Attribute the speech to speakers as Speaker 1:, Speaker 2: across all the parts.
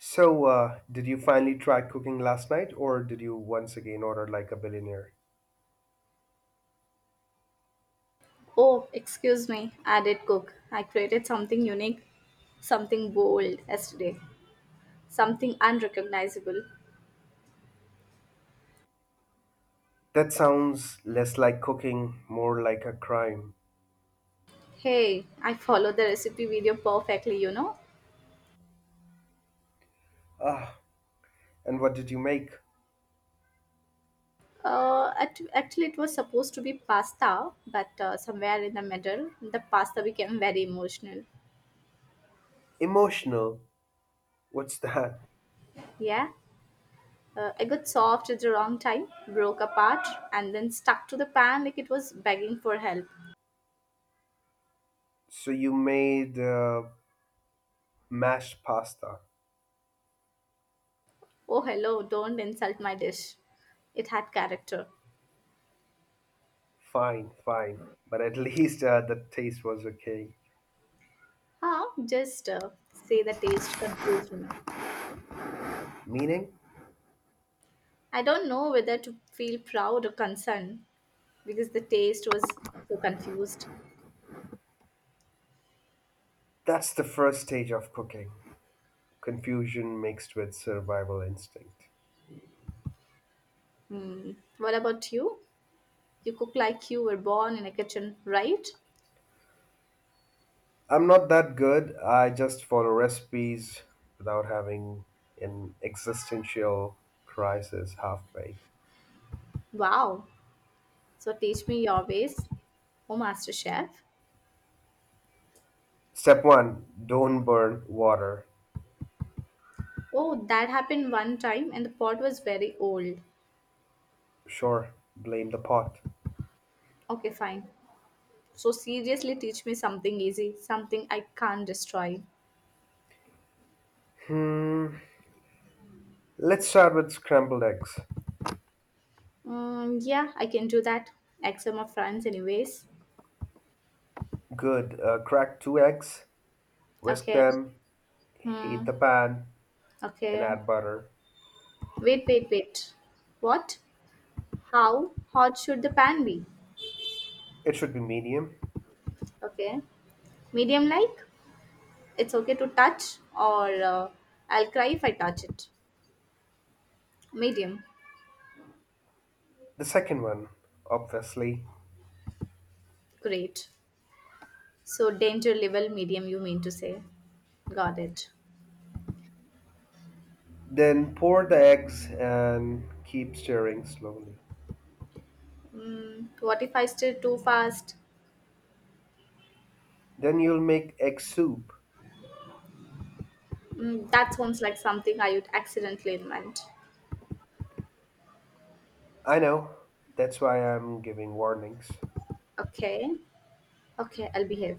Speaker 1: So, did you finally try cooking last night, or did you once again order like a billionaire?
Speaker 2: Oh, excuse me, I did cook. I created something unique, something bold yesterday, something unrecognizable.
Speaker 1: That sounds less like cooking, more like a crime.
Speaker 2: Hey, I followed the recipe video perfectly.
Speaker 1: Ah, and what did you make?
Speaker 2: Actually, it was supposed to be pasta, but somewhere in the middle, the pasta became very emotional.
Speaker 1: Emotional. What's that?
Speaker 2: Yeah, I got soft at the wrong time, broke apart, and then stuck to the pan like it was begging for help.
Speaker 1: So, you made mashed pasta.
Speaker 2: Oh, hello, don't insult my dish. It had character.
Speaker 1: Fine, fine. But at least the taste was okay.
Speaker 2: Huh? Just say the taste confused me.
Speaker 1: Meaning?
Speaker 2: I don't know whether to feel proud or concerned because the taste was so confused.
Speaker 1: That's the first stage of cooking confusion mixed with survival instinct.
Speaker 2: Hmm. What about you? You cook like you were born in a kitchen, right?
Speaker 1: I'm not that good. I just follow recipes without having an existential crisis halfway.
Speaker 2: Wow. So teach me your ways, oh master chef.
Speaker 1: Step one, don't burn water.
Speaker 2: Oh, that happened one time and the pot was very old.
Speaker 1: Sure, blame the pot.
Speaker 2: Okay, fine. So seriously teach me something easy, something I can't destroy.
Speaker 1: Let's start with scrambled eggs.
Speaker 2: Mm, yeah, I can do that. Except my friends, anyways.
Speaker 1: Good. Crack two eggs, whisk
Speaker 2: Okay.
Speaker 1: them, heat
Speaker 2: Hmm.
Speaker 1: the pan, and
Speaker 2: Okay.
Speaker 1: add butter.
Speaker 2: Wait, wait, wait. What? How hot should the pan be?
Speaker 1: It should be medium.
Speaker 2: Okay. Medium like? It's okay to touch or I'll cry if I touch it. Medium.
Speaker 1: The second one, obviously.
Speaker 2: Great. So danger level medium you mean to say. Got it.
Speaker 1: Then pour the eggs and keep stirring slowly.
Speaker 2: What if I stir too fast?
Speaker 1: Then you'll make egg soup.
Speaker 2: That sounds like something I would accidentally invent.
Speaker 1: I know. That's why I'm giving warnings.
Speaker 2: Okay. Okay, I'll behave.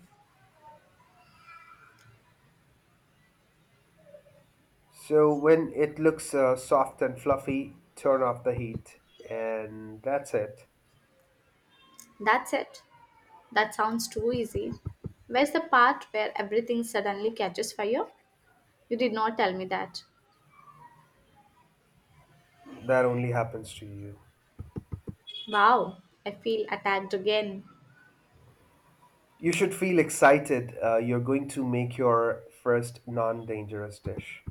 Speaker 1: So when it looks soft and fluffy, turn off the heat. And that's it.
Speaker 2: That's it. That sounds too easy. Where's the part where everything suddenly catches fire? You did not tell me that.
Speaker 1: That only happens to you.
Speaker 2: Wow, I feel attacked again.
Speaker 1: You should feel excited. You're going to make your first non dangerous dish.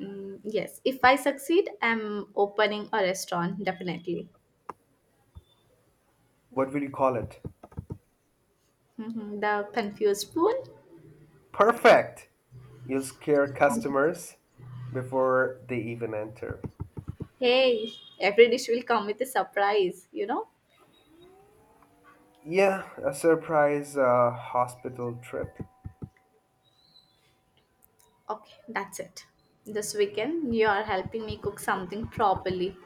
Speaker 2: Yes, if I succeed, I'm opening a restaurant, definitely.
Speaker 1: What will you call it?
Speaker 2: Mhm, the confused spoon?
Speaker 1: Perfect! You'll scare customers before they even enter.
Speaker 2: Hey, every dish will come with a surprise, you know?
Speaker 1: Yeah, a surprise hospital trip.
Speaker 2: Okay, that's it. This weekend, you are helping me cook something properly.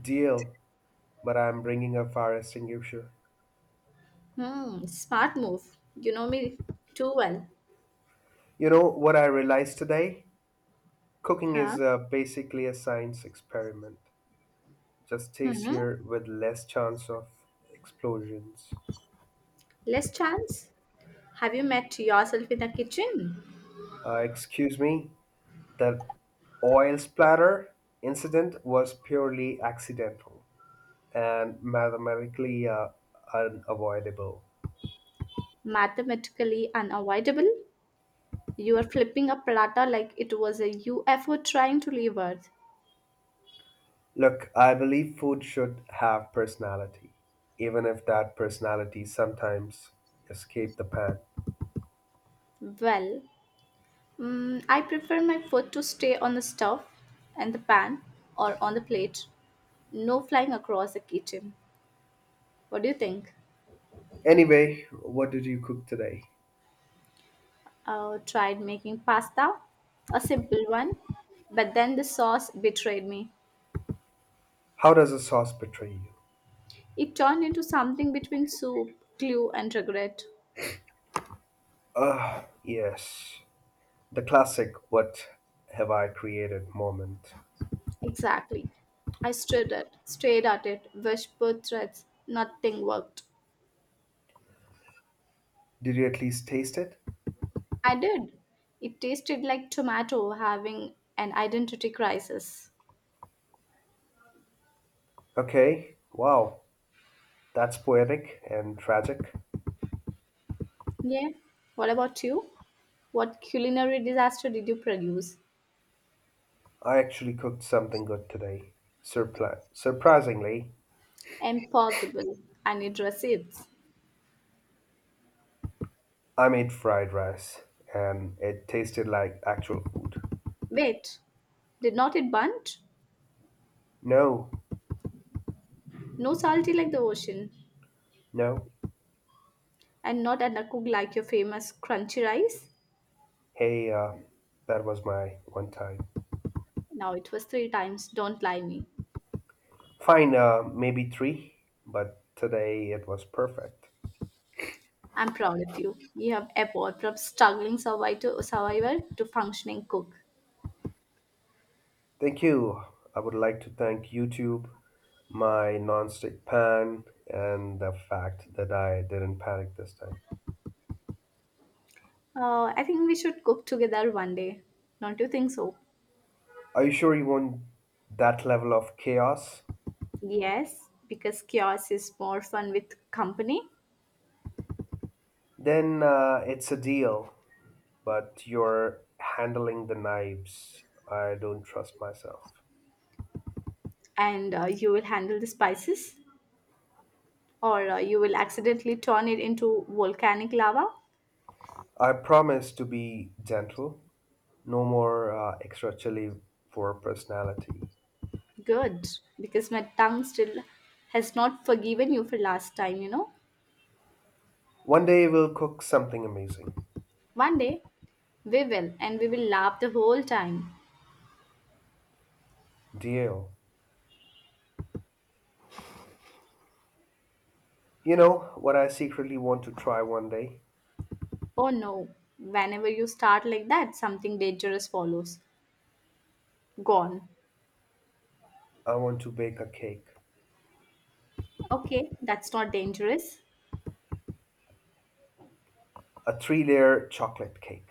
Speaker 1: Deal, but I'm bringing a fire extinguisher.
Speaker 2: Smart move. You know me too well.
Speaker 1: You know what I realized today? Cooking is
Speaker 2: Huh?
Speaker 1: basically a science experiment, just
Speaker 2: hmm
Speaker 1: tastier with less chance of explosions.
Speaker 2: Less chance? Have you met yourself in the kitchen?
Speaker 1: Excuse me, the oil splatter incident was purely accidental and mathematically unavoidable.
Speaker 2: Mathematically unavoidable? You are flipping a platter like it was a UFO trying to leave Earth.
Speaker 1: Look, I believe food should have personality, even if that personality sometimes escaped the pan.
Speaker 2: Well, I prefer my food to stay on the stove and the pan or on the plate. No flying across the kitchen. What do you think?
Speaker 1: Anyway, what did you cook today?
Speaker 2: I tried making pasta, a simple one, but then the sauce betrayed me.
Speaker 1: How does a sauce betray you?
Speaker 2: It turned into something between soup, glue, and regret.
Speaker 1: Ah, yes. The classic what have I created moment.
Speaker 2: Exactly. I stared at it, whispered threats. Nothing worked.
Speaker 1: Did you at least taste it?
Speaker 2: I did. It tasted like tomato having an identity crisis.
Speaker 1: Okay, wow. That's poetic and tragic.
Speaker 2: Yeah. What about you? What culinary disaster did you produce?
Speaker 1: I actually cooked something good today. Surprisingly,
Speaker 2: Impossible. I need receipts.
Speaker 1: I made fried rice and it tasted like actual food.
Speaker 2: Wait. Did not it bunt?
Speaker 1: No,
Speaker 2: No salty like the ocean,
Speaker 1: no.
Speaker 2: and not undercooked like your famous crunchy rice?
Speaker 1: Hey, that was my one time.
Speaker 2: Now it was three times. Don't lie me.
Speaker 1: Fine, maybe three, but today it was perfect.
Speaker 2: I'm proud of you. You have evolved from struggling survivor to functioning cook.
Speaker 1: Thank you. I would like to thank YouTube, my nonstick pan, and the fact that I didn't panic this time.
Speaker 2: I think we should cook together one day. Don't you think so?
Speaker 1: Are you sure you want that level of chaos?
Speaker 2: Yes, because chaos is more fun with company,
Speaker 1: Then it's a deal, but you're handling the knives. I don't trust myself.
Speaker 2: and you will handle the spices, or you will accidentally turn it into volcanic lava.
Speaker 1: I promise to be gentle. No more extra chili for personality.
Speaker 2: Good, because my tongue still has not forgiven you for last time.
Speaker 1: One day we'll cook something amazing.
Speaker 2: One day, we will, and we will laugh the whole time.
Speaker 1: Deal. You know what I secretly want to try one day?
Speaker 2: Oh no, whenever you start like that, something dangerous follows. Gone.
Speaker 1: I want to bake a cake,
Speaker 2: Okay, that's not dangerous.
Speaker 1: a three layer chocolate cake.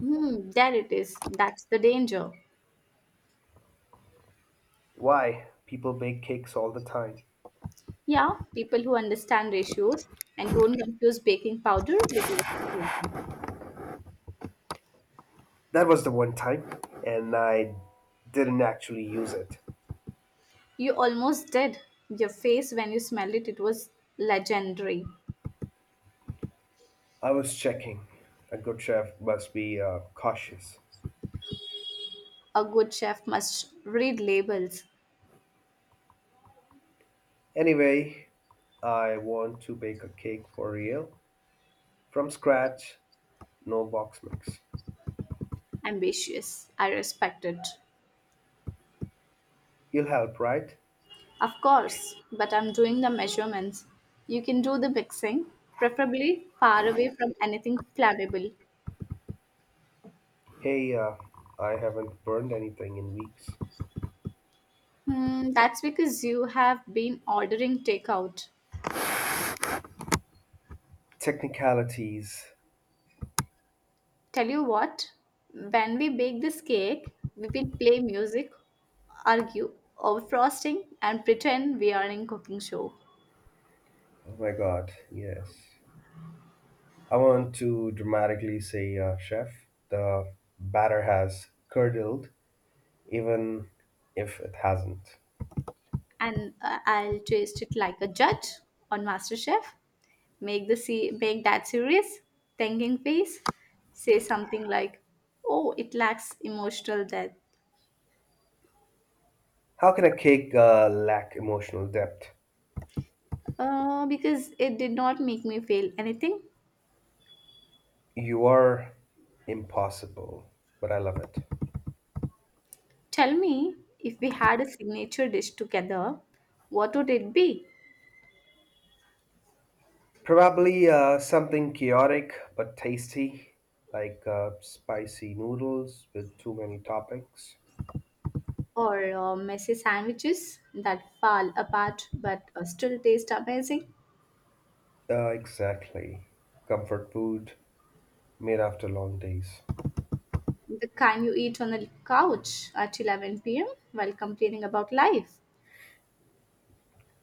Speaker 2: There it is. That's the danger.
Speaker 1: Why? People bake cakes all the time.
Speaker 2: Yeah, people who understand ratios and don't confuse baking powder with washing powder.
Speaker 1: That was the one time, and I didn't actually use it.
Speaker 2: You almost did. Your face when you smelled it, it was legendary.
Speaker 1: I was checking. A good chef must be cautious.
Speaker 2: A good chef must read labels.
Speaker 1: Anyway, I want to bake a cake for real, from scratch, no box mix.
Speaker 2: Ambitious. I respect it.
Speaker 1: You'll help, right?
Speaker 2: Of course, but I'm doing the measurements. You can do the mixing, preferably far away from anything flammable.
Speaker 1: Hey, I haven't burned anything in weeks.
Speaker 2: That's because you have been ordering takeout.
Speaker 1: Technicalities.
Speaker 2: Tell you what, when we bake this cake, we will play music, argue over frosting, and pretend we are in cooking show.
Speaker 1: Oh my God, yes. I want to dramatically say, Chef, the batter has curdled, even if it hasn't.
Speaker 2: And I'll taste it like a judge on MasterChef. Make that serious thinking face, say something like, oh, it lacks emotional depth.
Speaker 1: How can a cake lack emotional depth?
Speaker 2: Because it did not make me feel anything.
Speaker 1: You are impossible, but I love it.
Speaker 2: Tell me, if we had a signature dish together, what would it be?
Speaker 1: Probably something chaotic but tasty, like spicy noodles with too many toppings.
Speaker 2: Or messy sandwiches that fall apart but still taste amazing.
Speaker 1: Exactly. Comfort food made after long days.
Speaker 2: The kind you eat on the couch at 11 p.m. while complaining about life.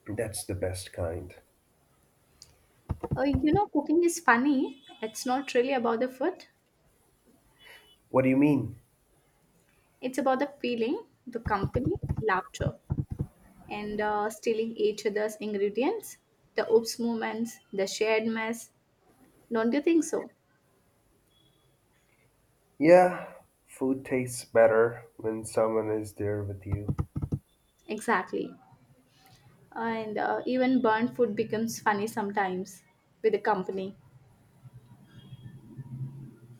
Speaker 1: That's the best kind.
Speaker 2: Cooking is funny. It's not really about the food.
Speaker 1: What do you mean?
Speaker 2: It's about the feeling, the company, laughter, and stealing each other's ingredients, the oops moments, the shared mess. Don't you think so?
Speaker 1: Yeah, food tastes better when someone is there with you.
Speaker 2: Exactly. And even burnt food becomes funny sometimes with the company.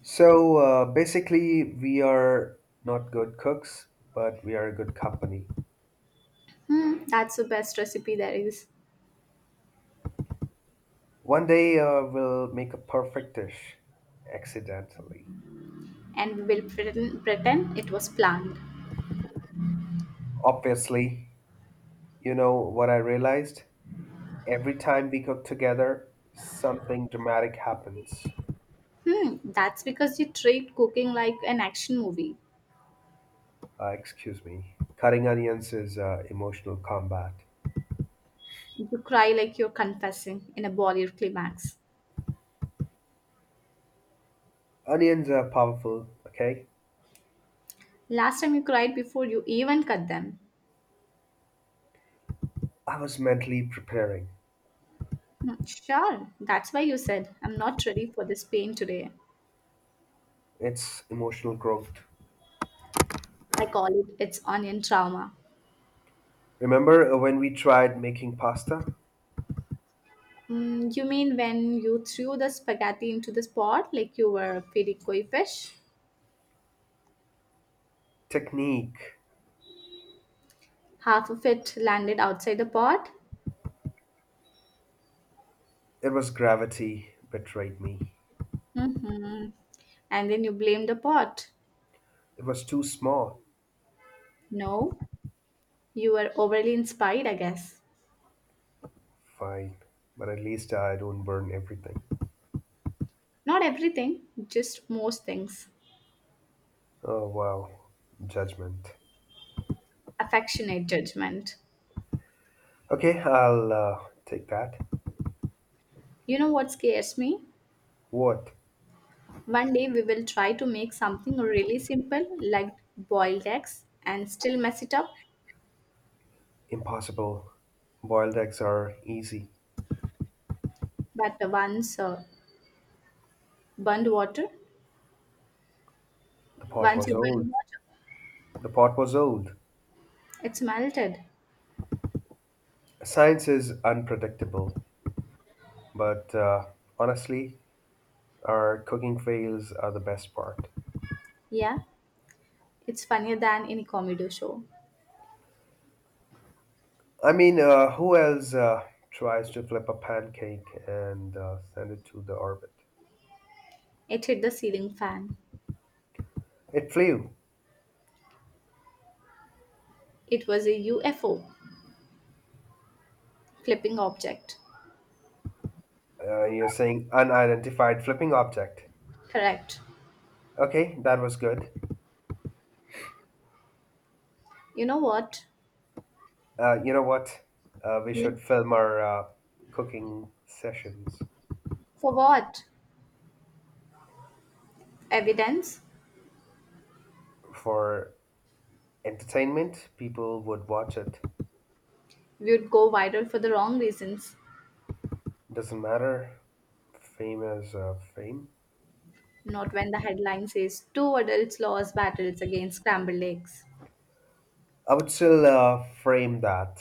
Speaker 1: So basically, we are not good cooks, but we are a good company.
Speaker 2: That's the best recipe there is.
Speaker 1: One day we'll make a perfect dish accidentally.
Speaker 2: And we'll pretend it was planned.
Speaker 1: Obviously, you know what I realized? Every time we cook together, something dramatic happens.
Speaker 2: That's because you treat cooking like an action movie.
Speaker 1: Excuse me. Cutting onions is emotional combat.
Speaker 2: You cry like you're confessing in a Bollywood climax.
Speaker 1: Onions are powerful, okay?
Speaker 2: Last time you cried before you even cut them.
Speaker 1: I was mentally preparing.
Speaker 2: Sure, that's why you said I'm not ready for this pain today.
Speaker 1: It's emotional growth.
Speaker 2: I call it it's onion trauma.
Speaker 1: Remember when we tried making pasta?
Speaker 2: You mean when you threw the spaghetti into the pot like you were feeding koi fish?
Speaker 1: Technique.
Speaker 2: Half of it landed outside the pot?
Speaker 1: It was gravity betrayed me.
Speaker 2: Mm-hmm. And then you blame the pot.
Speaker 1: It was too small.
Speaker 2: No, you were overly inspired, I guess.
Speaker 1: Fine. But at least I don't burn everything.
Speaker 2: Not everything, just most things.
Speaker 1: Oh, wow. Judgment.
Speaker 2: Affectionate judgment.
Speaker 1: Okay, I'll take that.
Speaker 2: You know what scares me?
Speaker 1: What?
Speaker 2: One day we will try to make something really simple like boiled eggs and still mess it up.
Speaker 1: Impossible. Boiled eggs are easy.
Speaker 2: But once burned water,
Speaker 1: The pot
Speaker 2: once
Speaker 1: was
Speaker 2: you
Speaker 1: old.
Speaker 2: burn water,
Speaker 1: The pot was old.
Speaker 2: it's melted.
Speaker 1: Science is unpredictable, but honestly, our cooking fails are the best part.
Speaker 2: Yeah, it's funnier than any comedy show.
Speaker 1: I mean, who else tries to flip a pancake and send it to the orbit?
Speaker 2: It hit the ceiling fan.
Speaker 1: It flew.
Speaker 2: It was a UFO, flipping object.
Speaker 1: You're saying unidentified flipping object.
Speaker 2: Correct.
Speaker 1: Okay, that was good.
Speaker 2: You know what?
Speaker 1: You know what? We
Speaker 2: Yeah.
Speaker 1: should film our cooking sessions
Speaker 2: For what? Evidence?
Speaker 1: for entertainment. People would watch it.
Speaker 2: We would go viral for the wrong reasons.
Speaker 1: Doesn't matter. Fame is fame.
Speaker 2: Not when the headline says two adults lost battles against scrambled eggs.
Speaker 1: I would still frame that.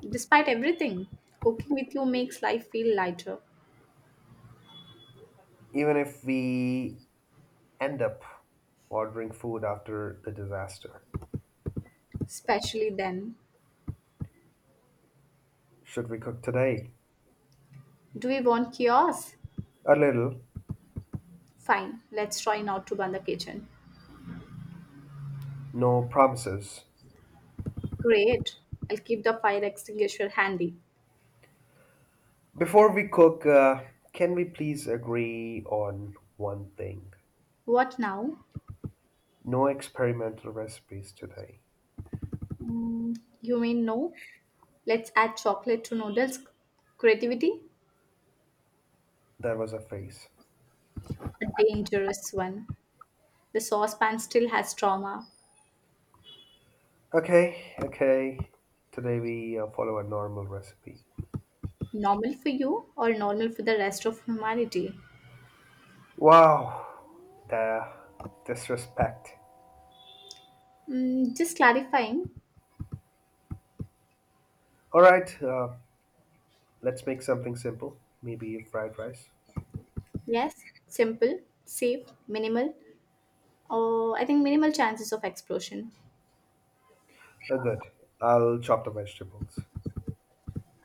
Speaker 2: Despite everything, cooking with you makes life feel lighter,
Speaker 1: Even if we end up ordering food after the disaster.
Speaker 2: especially then.
Speaker 1: Should we cook today?
Speaker 2: Do we want chaos?
Speaker 1: A little.
Speaker 2: Fine, let's try not to burn the kitchen.
Speaker 1: No promises.
Speaker 2: Great, I'll keep the fire extinguisher handy.
Speaker 1: Before we cook, can we please agree on one thing?
Speaker 2: What now?
Speaker 1: No experimental recipes today.
Speaker 2: You mean no? Let's add chocolate to noodles. Creativity?
Speaker 1: That was a phase.
Speaker 2: A dangerous one. The saucepan still has trauma.
Speaker 1: Okay, okay. Today we follow a normal recipe.
Speaker 2: Normal for you or normal for the rest of humanity?
Speaker 1: Wow, the disrespect.
Speaker 2: Just clarifying.
Speaker 1: All right, let's make something simple. Maybe fried rice.
Speaker 2: Yes, simple, safe, minimal. I think minimal chances of explosion.
Speaker 1: Good. I'll chop the vegetables.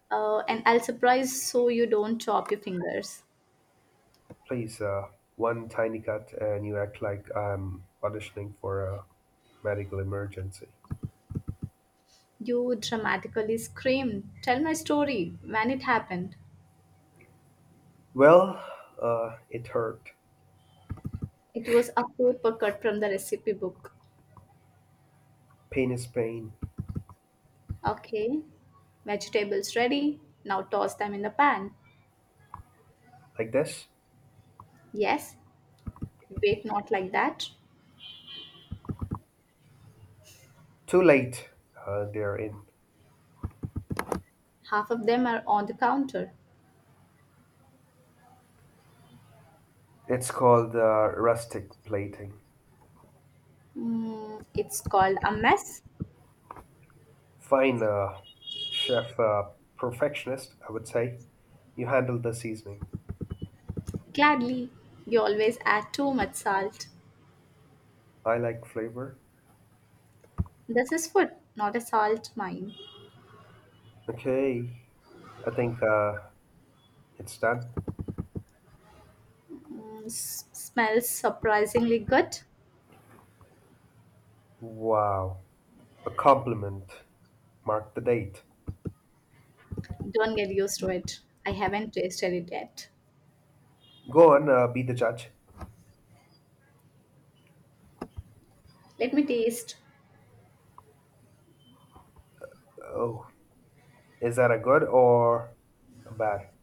Speaker 2: And I'll surprise so you don't chop your fingers.
Speaker 1: Please, one tiny cut, and you act like I'm auditioning for a medical emergency.
Speaker 2: You dramatically screamed, "Tell my story," when it happened.
Speaker 1: Well, it hurt.
Speaker 2: It was a paper cut from the recipe book.
Speaker 1: Pain is pain.
Speaker 2: Okay, vegetables ready. Now toss them in the pan.
Speaker 1: Like this?
Speaker 2: Yes, wait, not like that.
Speaker 1: Too late. They're in.
Speaker 2: Half of them are on the counter.
Speaker 1: It's called rustic plating.
Speaker 2: It's called a mess.
Speaker 1: Fine, chef perfectionist, I would say. You handled the seasoning.
Speaker 2: Gladly, you always add too much salt.
Speaker 1: I like flavor.
Speaker 2: This is food, not a salt mine.
Speaker 1: Okay, I think it's done.
Speaker 2: Smells surprisingly good.
Speaker 1: Wow, a compliment. Mark the date.
Speaker 2: Don't get used to it. I haven't tasted it yet.
Speaker 1: Go on, be the judge.
Speaker 2: Let me taste.
Speaker 1: Oh, is that a good or a bad?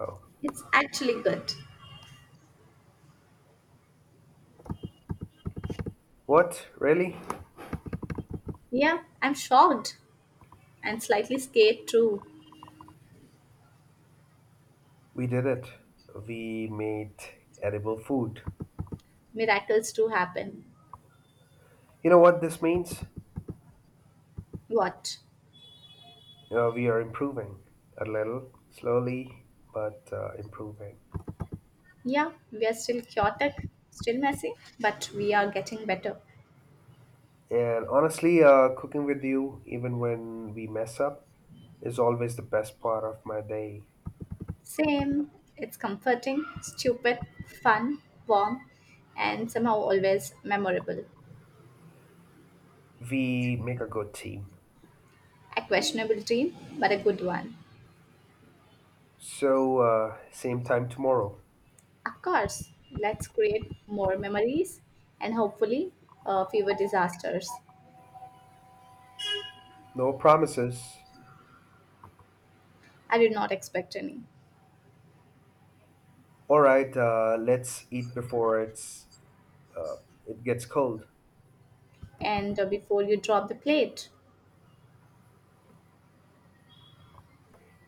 Speaker 1: Oh,
Speaker 2: It's actually good.
Speaker 1: what? Really?
Speaker 2: Yeah, I'm shocked and slightly scared too.
Speaker 1: We did it. We made edible food.
Speaker 2: Miracles do happen.
Speaker 1: You know what this means?
Speaker 2: What?
Speaker 1: We are improving a little, slowly, but improving.
Speaker 2: Yeah, we are still chaotic, still messy, but we are getting better.
Speaker 1: And honestly, cooking with you, even when we mess up, is always the best part of my day.
Speaker 2: Same. It's comforting, stupid, fun, warm, and somehow always memorable.
Speaker 1: We make a good team.
Speaker 2: A questionable dream, but a good one.
Speaker 1: So, same time tomorrow.
Speaker 2: Of course, let's create more memories and hopefully fewer disasters.
Speaker 1: No promises.
Speaker 2: I did not expect any.
Speaker 1: All right, let's eat before uh, it gets cold.
Speaker 2: And before you drop the plate,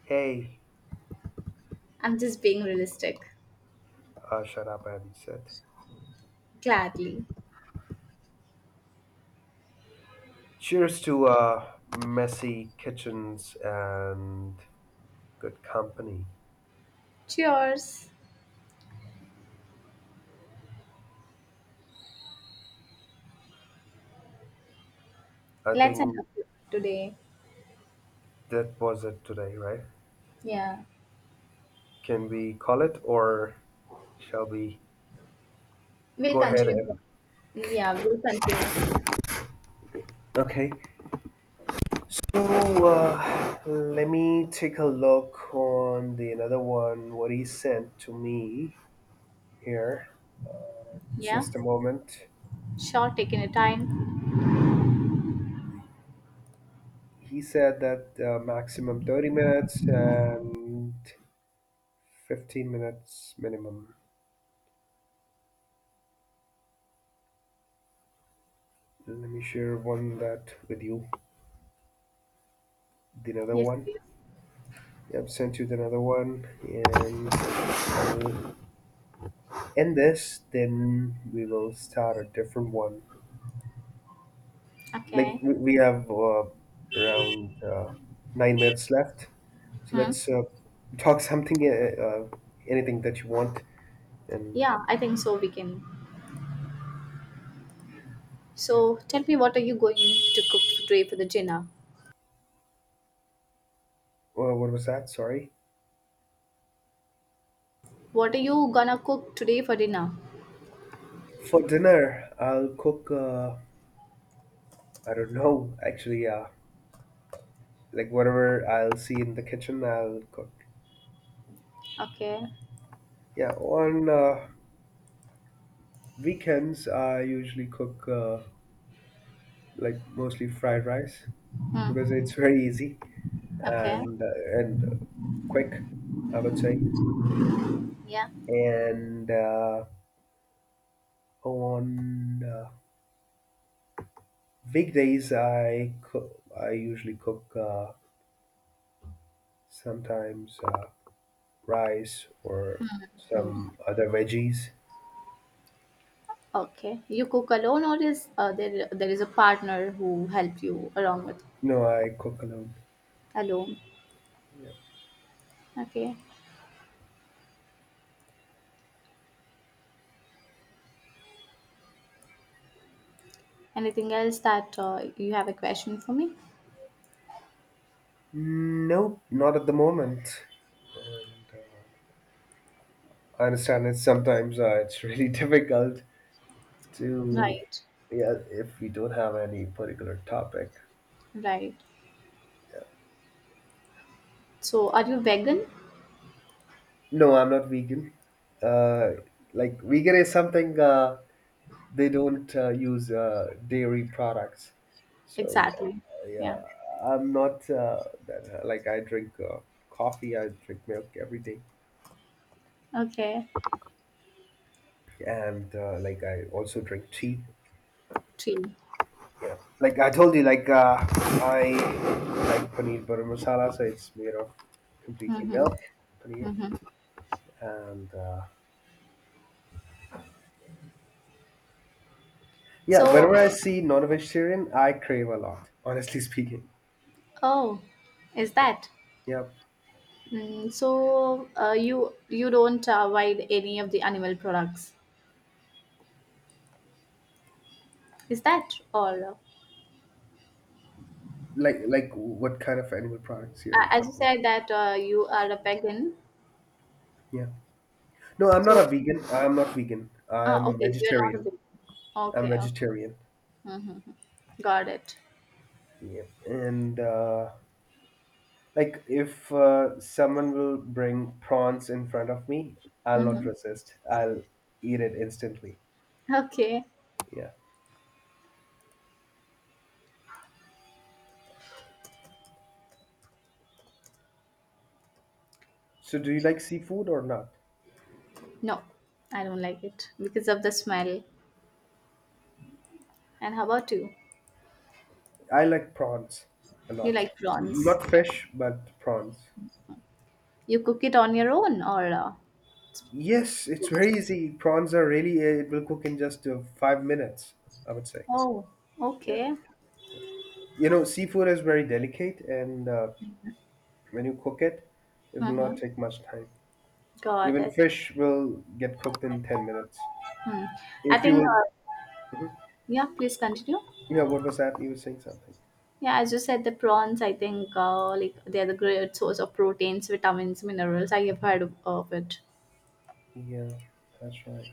Speaker 1: Hey,
Speaker 2: I'm just being realistic.
Speaker 1: shut up, Abby said.
Speaker 2: Gladly.
Speaker 1: Cheers to messy kitchens and good company.
Speaker 2: Cheers.
Speaker 1: I
Speaker 2: Let's end
Speaker 1: think
Speaker 2: up today.
Speaker 1: that was it today, right?
Speaker 2: Yeah.
Speaker 1: Can we call it, or shall we
Speaker 2: We'll
Speaker 1: go ahead
Speaker 2: continue.
Speaker 1: and?
Speaker 2: Yeah, we'll continue.
Speaker 1: Okay. So let me take a look on the another one. What he sent to me here. Uh,
Speaker 2: Yeah.
Speaker 1: just a moment.
Speaker 2: Sure, taking a time.
Speaker 1: He said that maximum 30 minutes and 15 minutes minimum. Let me share one that with you, the another
Speaker 2: Yes,
Speaker 1: one.
Speaker 2: please.
Speaker 1: Yep, sent you the another one, and I'll end this. Then we will start a different one. Like
Speaker 2: Okay.
Speaker 1: we have around 9 minutes left, so
Speaker 2: Hmm.
Speaker 1: let's talk something, anything that you want. And
Speaker 2: Yeah, I think so. We can.
Speaker 1: yeah,
Speaker 2: So tell me, what are you going to cook today for the dinner?
Speaker 1: well, what was that? Sorry.
Speaker 2: What are you gonna cook today for dinner?
Speaker 1: For dinner, I'll cook. I don't know actually. Yeah, like whatever I'll see in the kitchen, I'll cook.
Speaker 2: Okay.
Speaker 1: Yeah, on weekends I usually cook like mostly fried rice because
Speaker 2: Hmm.
Speaker 1: it's very easy
Speaker 2: Okay.
Speaker 1: and quick, I would say.
Speaker 2: Yeah.
Speaker 1: And on weekdays I cook. I usually cook sometimes rice or some other veggies.
Speaker 2: Okay. You cook alone, or is there is a partner who help you along with
Speaker 1: No, I cook alone.
Speaker 2: alone?
Speaker 1: Yeah.
Speaker 2: Okay. Anything else that you have a question for me?
Speaker 1: No, not at the moment. And I understand it's really difficult to,
Speaker 2: Right.
Speaker 1: yeah, if we don't have any particular topic.
Speaker 2: Right. So, are you vegan?
Speaker 1: No, I'm not vegan. Uh, like vegan is something they don't use dairy products. So
Speaker 2: Exactly.
Speaker 1: yeah,
Speaker 2: Yeah.
Speaker 1: I'm not that like I drink coffee. I drink milk every day,
Speaker 2: Okay.
Speaker 1: and like I also drink tea.
Speaker 2: Tree.
Speaker 1: Yeah. Like I told you, like I like paneer butter masala, so it's made of completely
Speaker 2: Mm-hmm.
Speaker 1: milk, paneer,
Speaker 2: Mm-hmm.
Speaker 1: and yeah.
Speaker 2: So,
Speaker 1: Whenever I see non-vegetarian, I crave a lot. Honestly speaking,
Speaker 2: oh, is
Speaker 1: yeah,
Speaker 2: that?
Speaker 1: yeah.
Speaker 2: So you don't avoid any of the animal products, is that all?
Speaker 1: Like what kind of animal products you're
Speaker 2: As you
Speaker 1: talking about?
Speaker 2: said that you are a vegan,
Speaker 1: Yeah. No, I'm not
Speaker 2: so
Speaker 1: a vegan. I'm not vegan. I'm
Speaker 2: okay, you are not a
Speaker 1: vegetarian.
Speaker 2: vegan.
Speaker 1: I'm
Speaker 2: Okay, okay,
Speaker 1: vegetarian.
Speaker 2: mm-hmm. Got it.
Speaker 1: Yeah. And like if someone will bring prawns in front of me, I'll not
Speaker 2: Mm-hmm.
Speaker 1: resist. I'll eat it instantly.
Speaker 2: Okay,
Speaker 1: Yeah. So do you like seafood or not?
Speaker 2: no, I don't like it because of the smell. And how about you?
Speaker 1: I like prawns a
Speaker 2: You
Speaker 1: lot.
Speaker 2: like prawns?
Speaker 1: Not fish, but prawns.
Speaker 2: You cook it on your own or? Uh,
Speaker 1: Yes, it's
Speaker 2: cooked?
Speaker 1: very easy. Prawns are really, it will cook in just 5 minutes, I would say.
Speaker 2: Oh,
Speaker 1: Yeah.
Speaker 2: okay.
Speaker 1: You know, seafood is very delicate, and when you cook it, it will not
Speaker 2: Mm-hmm.
Speaker 1: take much time.
Speaker 2: Got
Speaker 1: Even
Speaker 2: it.
Speaker 1: fish will get cooked in 10 minutes.
Speaker 2: Hmm. I
Speaker 1: If you
Speaker 2: think
Speaker 1: will, mm-hmm.
Speaker 2: yeah. Please continue.
Speaker 1: Yeah, what was that? You were saying something.
Speaker 2: Yeah, as you said, the prawns, I think, like they are the great source of proteins, vitamins, minerals. I have heard of it.
Speaker 1: Yeah, that's right.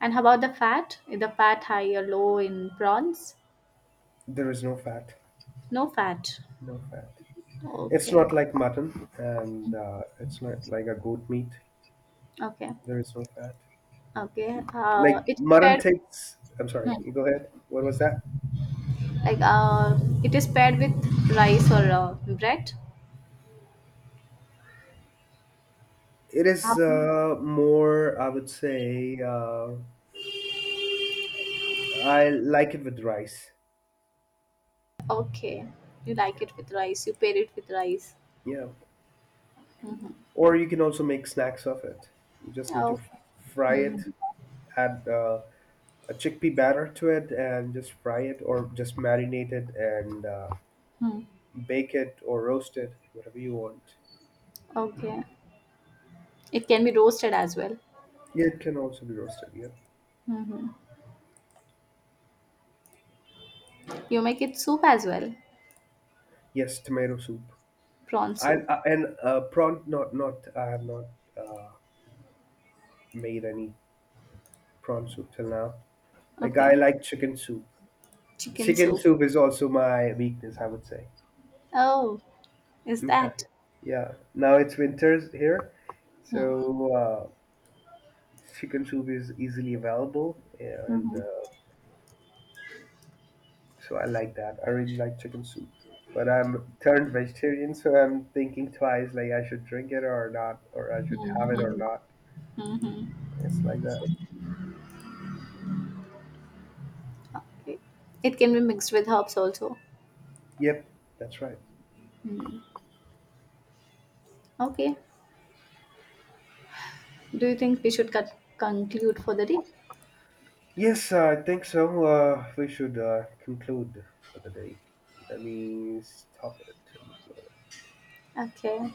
Speaker 2: And how about the fat? Is the fat high or low in prawns?
Speaker 1: There is no fat.
Speaker 2: No fat.
Speaker 1: No fat. It's
Speaker 2: Okay.
Speaker 1: not like mutton and it's not like a goat meat.
Speaker 2: Okay.
Speaker 1: There is no fat.
Speaker 2: Okay.
Speaker 1: Like
Speaker 2: It is
Speaker 1: mutton
Speaker 2: paired.
Speaker 1: takes. I'm sorry,
Speaker 2: Hmm.
Speaker 1: you go ahead. What was that?
Speaker 2: Like it is paired with rice or bread.
Speaker 1: It is
Speaker 2: Um,
Speaker 1: more, I would say, I like it with rice.
Speaker 2: okay. You
Speaker 1: Yeah.
Speaker 2: like it with rice. You pair it with rice.
Speaker 1: Yeah.
Speaker 2: Mm-hmm.
Speaker 1: Or you can also make snacks of it. You just need to
Speaker 2: Okay.
Speaker 1: fry
Speaker 2: hmm
Speaker 1: it, add a chickpea batter to it, and just fry it, or just marinate it and
Speaker 2: Hmm.
Speaker 1: bake it or roast it, whatever you want.
Speaker 2: Okay. It can be roasted as well.
Speaker 1: Yeah, it can also be roasted. Yeah.
Speaker 2: Mm-hmm. You make it soup as well?
Speaker 1: Yes, tomato soup.
Speaker 2: Prawn
Speaker 1: I,
Speaker 2: soup.
Speaker 1: I and prawn. Not. I have not uh, made any prawn soup till now. Like I
Speaker 2: Okay.
Speaker 1: like chicken soup.
Speaker 2: Chicken
Speaker 1: Chicken
Speaker 2: soup.
Speaker 1: soup is also my weakness, I would say.
Speaker 2: Oh, is
Speaker 1: Yeah,
Speaker 2: that?
Speaker 1: yeah. Now it's winters here, so
Speaker 2: Hmm.
Speaker 1: chicken soup is easily available, yeah, and
Speaker 2: Mhm.
Speaker 1: so I like that. I really like chicken soup, but I'm turned vegetarian, so I'm thinking twice, like I should drink it or not, or I should have it or
Speaker 2: Mhm.
Speaker 1: not.
Speaker 2: Mhm.
Speaker 1: It's like that.
Speaker 2: Okay. It can be mixed with herbs also.
Speaker 1: Yep, that's right.
Speaker 2: Hmm. Okay. Do you think we should conclude for the day?
Speaker 1: Yes, I think so. We should conclude for the day. Let me stop it and upload it.
Speaker 2: Okay.